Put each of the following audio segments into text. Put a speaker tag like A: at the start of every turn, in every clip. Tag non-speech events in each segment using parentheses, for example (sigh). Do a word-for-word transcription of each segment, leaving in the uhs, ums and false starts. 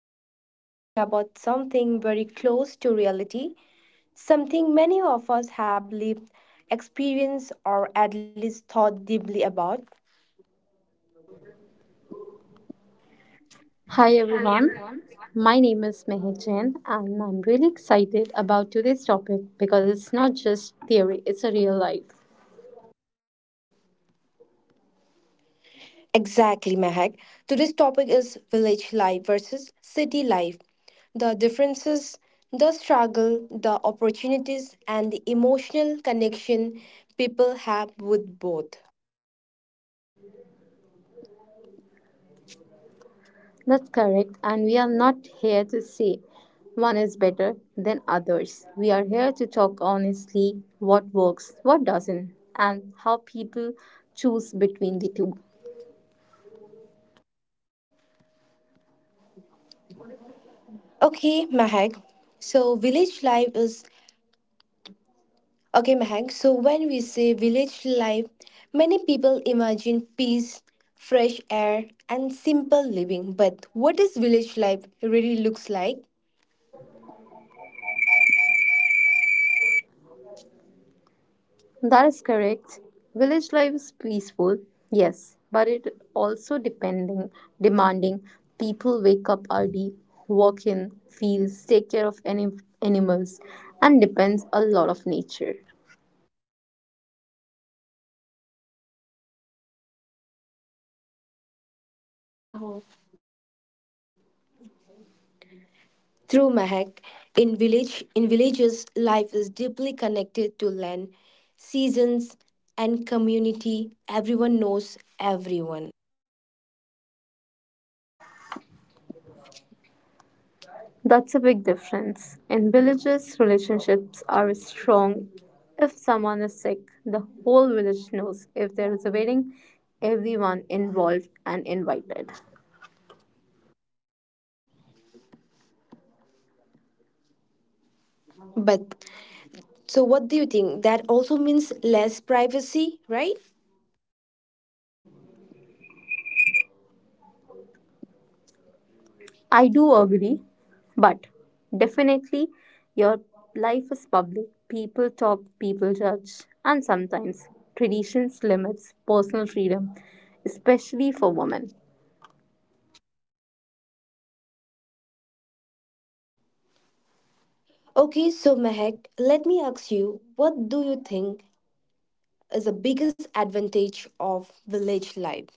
A: today we are talking about something very close to reality, something many of us have lived, experienced, or at least thought deeply about.
B: Hi everyone, my name is Meher Jain and I'm really excited about today's topic because it's not just theory, it's a real life.
A: Exactly, Mahak. Today's topic is village life versus city life, the differences, the struggle, the opportunities, and the emotional connection people have with both.
B: That's correct, and we are not here to say one is better than others. We are here to talk honestly what works, what doesn't, and how people choose between the two.
A: Okay, Mahak. So, village life is okay, Mahak. So, When we say village life, many people imagine peace, fresh air, and simple living. But what does village life really looks like?
B: That is correct. Village life is peaceful, yes, but it also depending demanding. People wake up early, walk in fields, take care of any animals, and depends a lot of nature.
A: Through Mahak. In village, in villages, life is deeply connected to land, seasons, and community. Everyone knows everyone.
B: That's a big difference. In villages, relationships are strong. If someone is sick, the whole village knows. If there is a wedding, everyone involved and invited.
A: But so, what do you think? That also means less privacy, right?
B: I do agree, but definitely your life is public. People talk, people judge, and sometimes traditions limits personal freedom, especially for women.
A: Okay, so Mehak, let me ask you, what do you think is the biggest advantage of village life?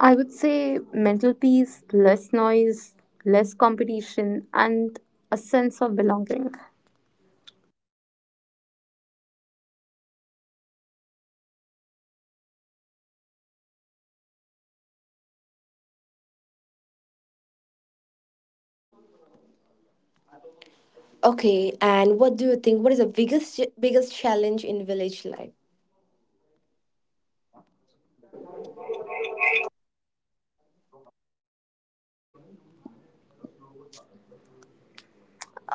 B: I would say mental peace, less noise, less competition, and a sense of belonging.
A: Okay, and what do you think? What is the biggest biggest challenge in village life?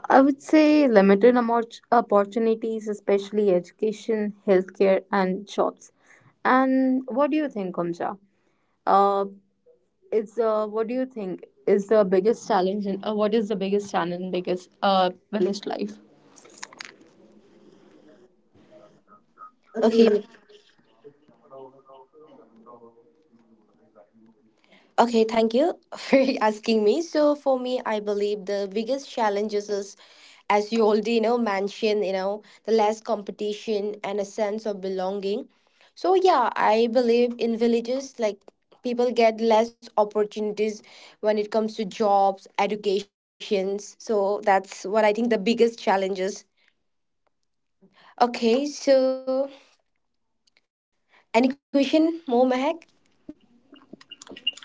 B: I would say limited amount opportunities, especially education, healthcare, and jobs. And what do you think, Omja? Uh, it's uh, what do you think is the biggest challenge in uh, what is the biggest challenge in biggest uh, village life?
A: Okay, Okay, thank you (laughs) for asking me. So for me, I believe the biggest challenges is, as you already you know mentioned, you know, the less competition and a sense of belonging. So yeah, I believe in villages like people get less opportunities when it comes to jobs, educations. So that's what I think the biggest challenges. Okay, so any question more, Mahak?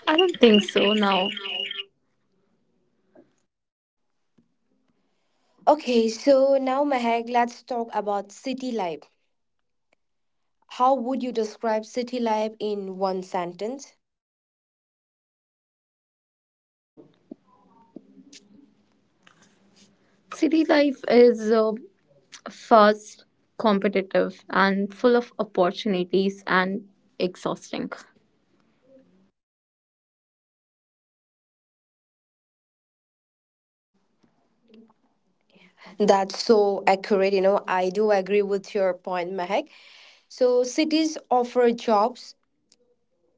B: I don't think so now.
A: Okay, so now Mahak, let's talk about city life. How would you describe city life in one sentence?
B: City life is uh, fast, competitive, and full of opportunities and exhausting.
A: That's so accurate. You know, I do agree with your point, Mahek. So, cities offer jobs,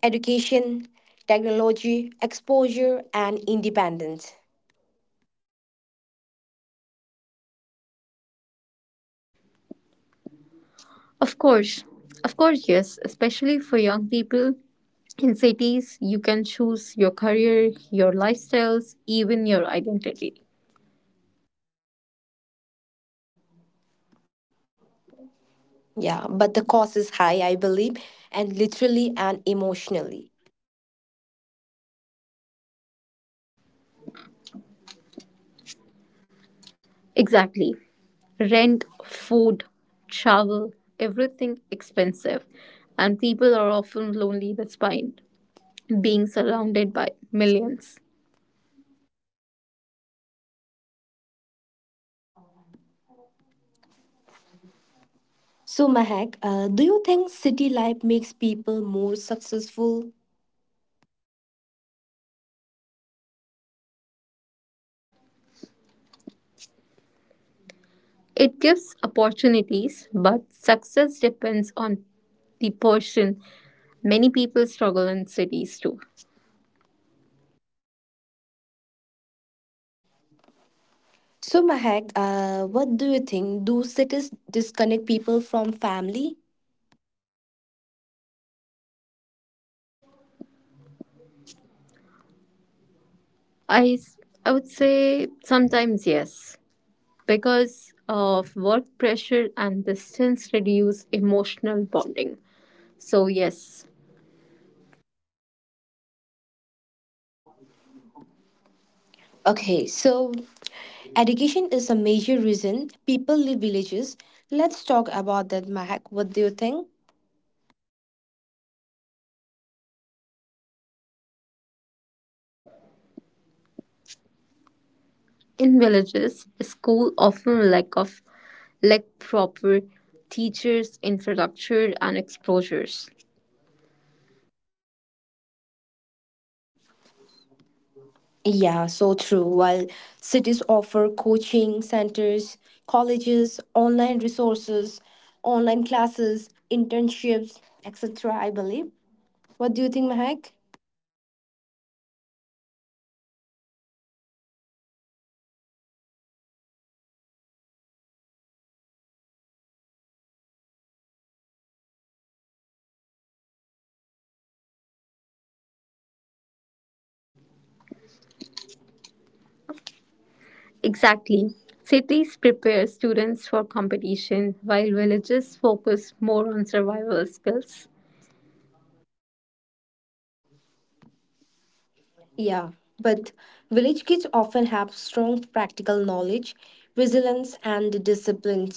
A: education, technology, exposure, and independence.
B: Of course, of course, yes, especially for young people in cities, you can choose your career, your lifestyles, even your identity.
A: Yeah, but the cost is high, I believe, and literally and emotionally.
B: Exactly. Rent, food, travel, everything expensive, and people are often lonely despite being surrounded by millions.
A: So, Mahek, uh, do you think city life makes people more successful?
B: It gives opportunities, but success depends on the person. Many people struggle in cities too.
A: So, Mahek, uh, what do you think? Do cities disconnect people from family?
B: I s- I would say sometimes yes, because of work pressure and distance reduce emotional bonding. So yes,
A: Okay, so education is a major reason people leave villages. Let's talk about that, Mahak. What do you think?
B: in villages, school often lack of lack proper teachers, infrastructure, and exposures.
A: Yeah, so true. While cities offer coaching centers, colleges, online resources, online classes, internships, et cetera, I believe. What do you think, Mahak?
B: Exactly. Cities prepare students for competition while villages focus more on survival skills.
A: Yeah, but village kids often have strong practical knowledge, resilience, and discipline.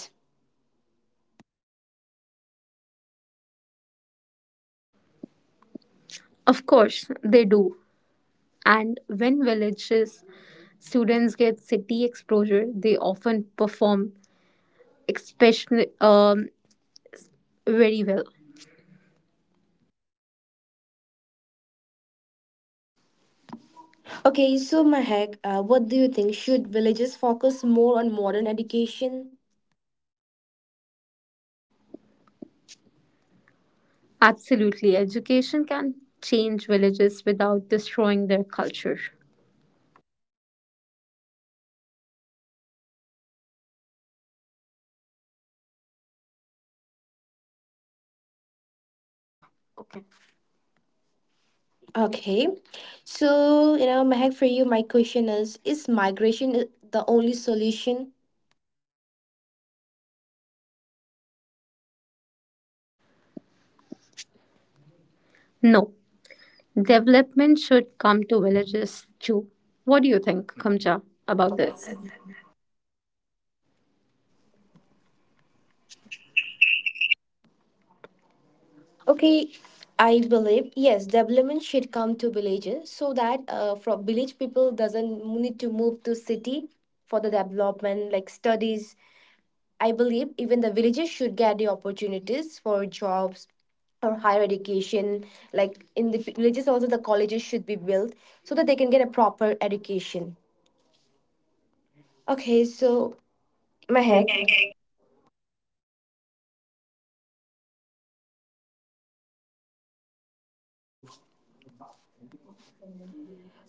B: Of course, they do. And when villages students get city exposure, they often perform especially um, very well.
A: Okay, so Mahek, uh, what do you think? Should villages focus more on modern education?
B: Absolutely, education can change villages without destroying their culture.
A: Okay, so you know, Mahek, for you, my question is: Is migration the only solution?
B: No, development should come to villages too. What do you think, Kamcha, about this?
A: Okay, I believe yes, development should come to villages so that uh, from village people doesn't need to move to city for the development, like studies, I believe even the villages should get the opportunities for jobs or higher education. Like in the villages, also the colleges should be built so that they can get a proper education. Okay, so Mahek,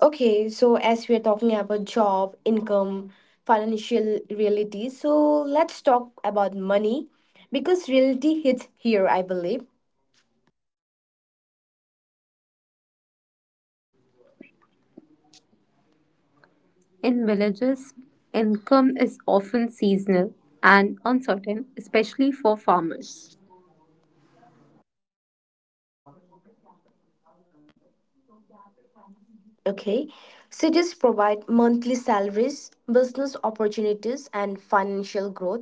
A: okay, so as we are talking about job, income, financial reality, so let's talk about money because reality hits here, I believe.
B: In villages, income is often seasonal and uncertain, especially for farmers.
A: Okay, cities provide monthly salaries, business opportunities, and financial growth.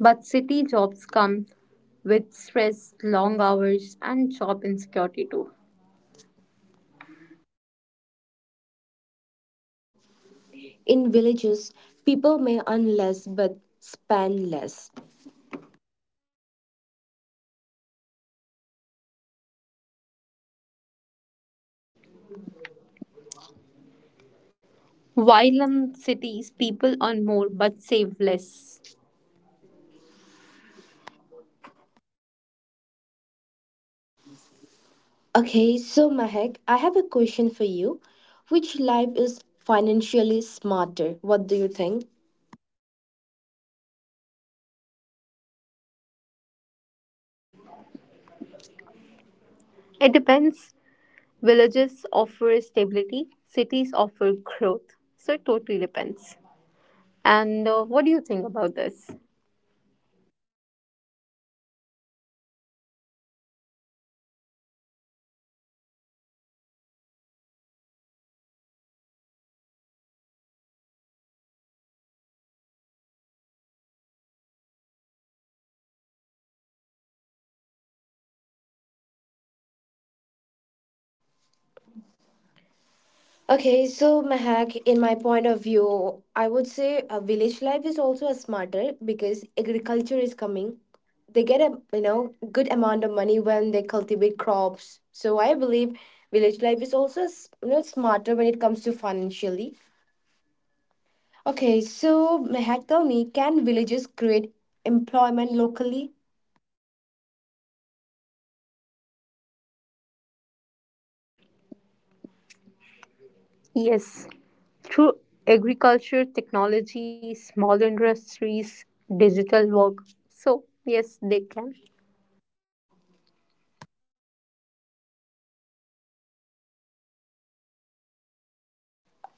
B: But city jobs come with stress, long hours, and job insecurity too.
A: In villages, people may earn less but spend less.
B: While in cities, people earn more but save less.
A: Okay, so Mahek, I have a question for you. Which life is financially smarter? What do you think?
B: It depends. Villages offer stability, cities offer growth. So it totally depends. And uh, what do you think about this?
A: Okay, so Mahak, in my point of view, I would say a village life is also a smarter because agriculture is coming. They get a you know good amount of money when they cultivate crops. So I believe village life is also s- you know smarter when it comes to financially. Okay, so Mehak, tell me, can villages create employment locally?
B: Yes, through agriculture, technology, small industries, digital work. So, yes, they can.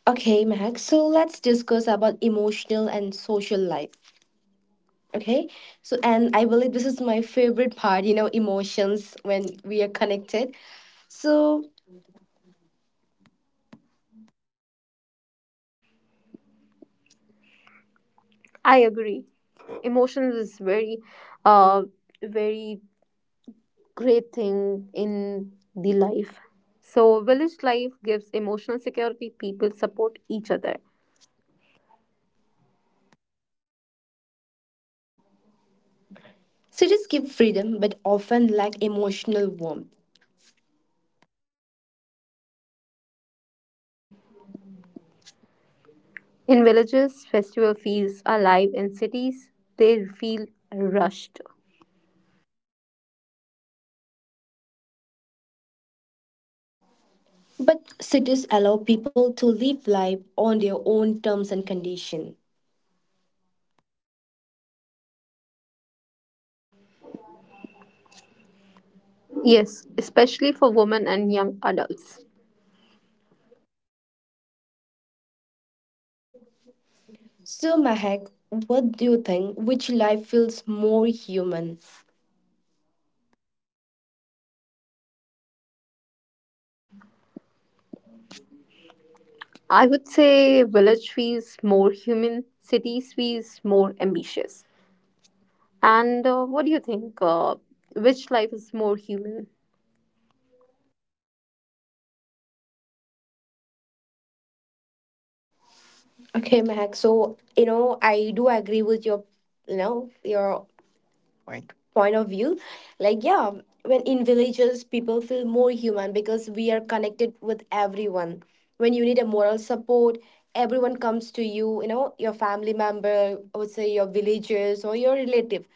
A: Okay, Mehak, so let's discuss about emotional and social life. Okay, so and I believe this is my favorite part, you know, emotions when we are connected. So
B: I agree. Emotions is very, uh, very great thing in the life. So, village life gives emotional security. People support each other.
A: cities give freedom but often lack emotional warmth.
B: In villages, festival feels alive. In cities, they feel rushed.
A: But cities allow people to live life on their own terms and condition.
B: Yes, especially for women and young adults.
A: So Mahak, what do you think? Which life feels more human?
B: I would say village feels more human, cities feels more ambitious. And uh, what do you think? Uh, which life is more human?
A: Okay, Mac. So, you know, I do agree with your, you know, your point of view. Like, yeah, when in villages, people feel more human because we are connected with everyone. When you need a moral support, everyone comes to you, you know, your family member, I would say your villagers or your relative.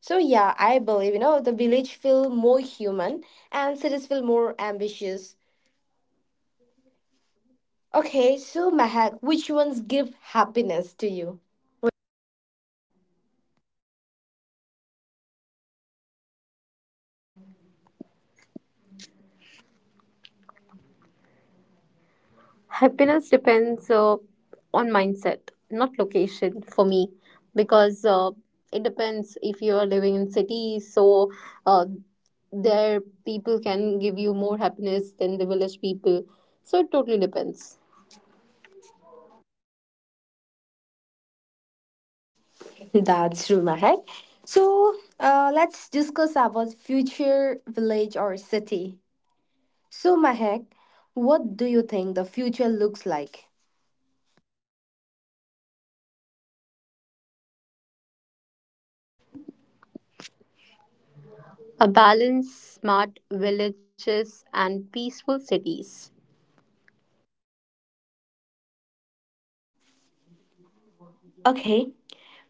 A: So, yeah, I believe, you know, the village feel more human and cities feel more ambitious. Okay, so Mahak, which ones give happiness to you?
B: Happiness depends uh, on mindset, not location for me, because uh, it depends if you are living in cities, so uh, their people can give you more happiness than the village people. So it totally depends.
A: That's true, Mahek. So uh, let's discuss about future village or city. So Mahek, what do you think the future looks like?
B: A balanced, smart villages and peaceful cities.
A: Okay,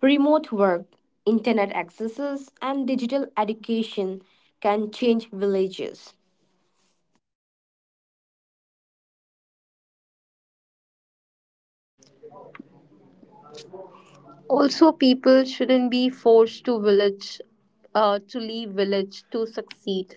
A: remote work, internet accesses, and digital education can change villages.
B: Also, people shouldn't be forced to village, uh, to leave village to succeed.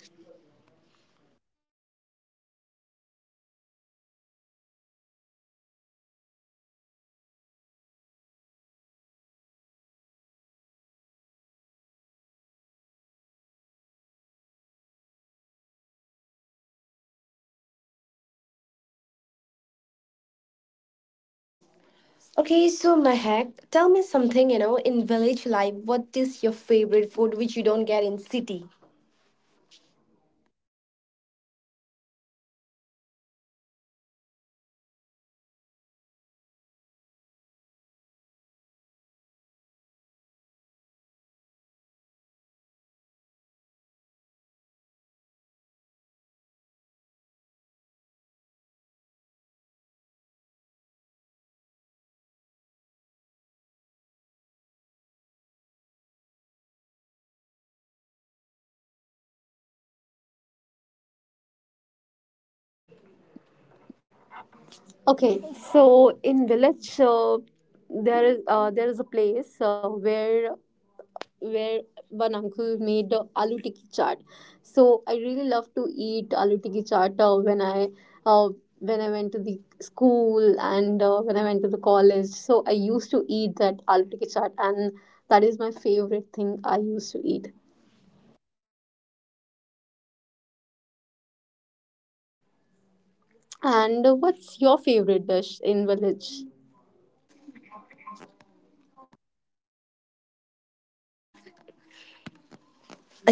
A: Okay, so Mahek, tell me something. You know, in village life, what is your favorite food which you don't get in city?
B: Okay, so in village, uh, there is uh, there is a place uh, where where one uncle made the aloo tikki chaat. So I really love to eat aloo tikki chaat uh, when I uh, when I went to the school and uh, when I went to the college. So I used to eat that aloo tikki chaat, and that is my favorite thing I used to eat. And uh, what's your favorite dish in village?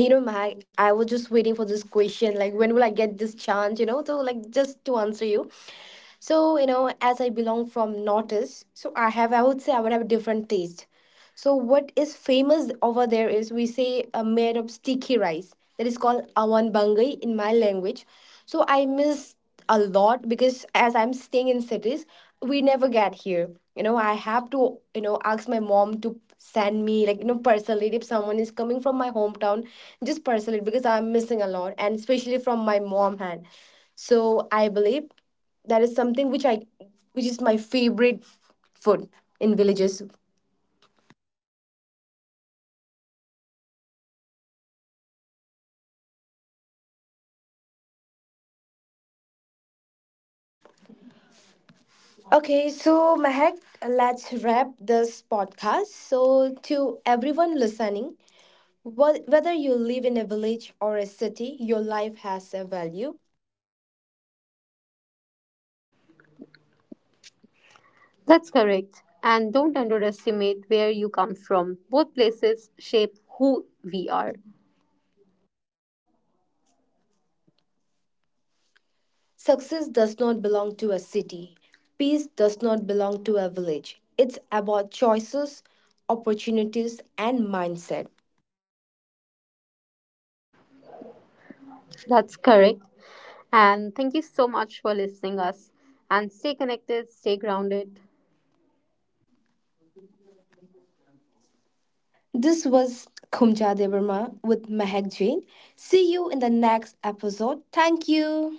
A: you know my I was just waiting for this question, like, when will I get this chance, you know to, like, just to answer you. So, you know, as I belong from Northeast, so I have, I would say I would have a different taste. So what is famous over there is we say a made of sticky rice that is called awan bangai in my language. So I miss a lot because as I'm staying in cities, we never get here. You know, I have to, you know, ask my mom to send me like, you know, parcel it if someone is coming from my hometown, just parcel it because I'm missing a lot and especially from my mom hand. So I believe that is something which i which is my favorite food in villages. Okay, so Mahak, let's wrap this podcast. So to everyone listening, wh- whether you live in a village or a city, your life has a value.
B: That's correct. And don't underestimate where you come from. Both places shape who we are.
A: Success does not belong to a city, peace does not belong to a village. It's about choices, opportunities and mindset.
B: That's correct. And thank you so much for listening us. And stay connected, stay grounded,
A: This was Khumja Devarma with Mehak Jain. See you in the next episode. Thank you.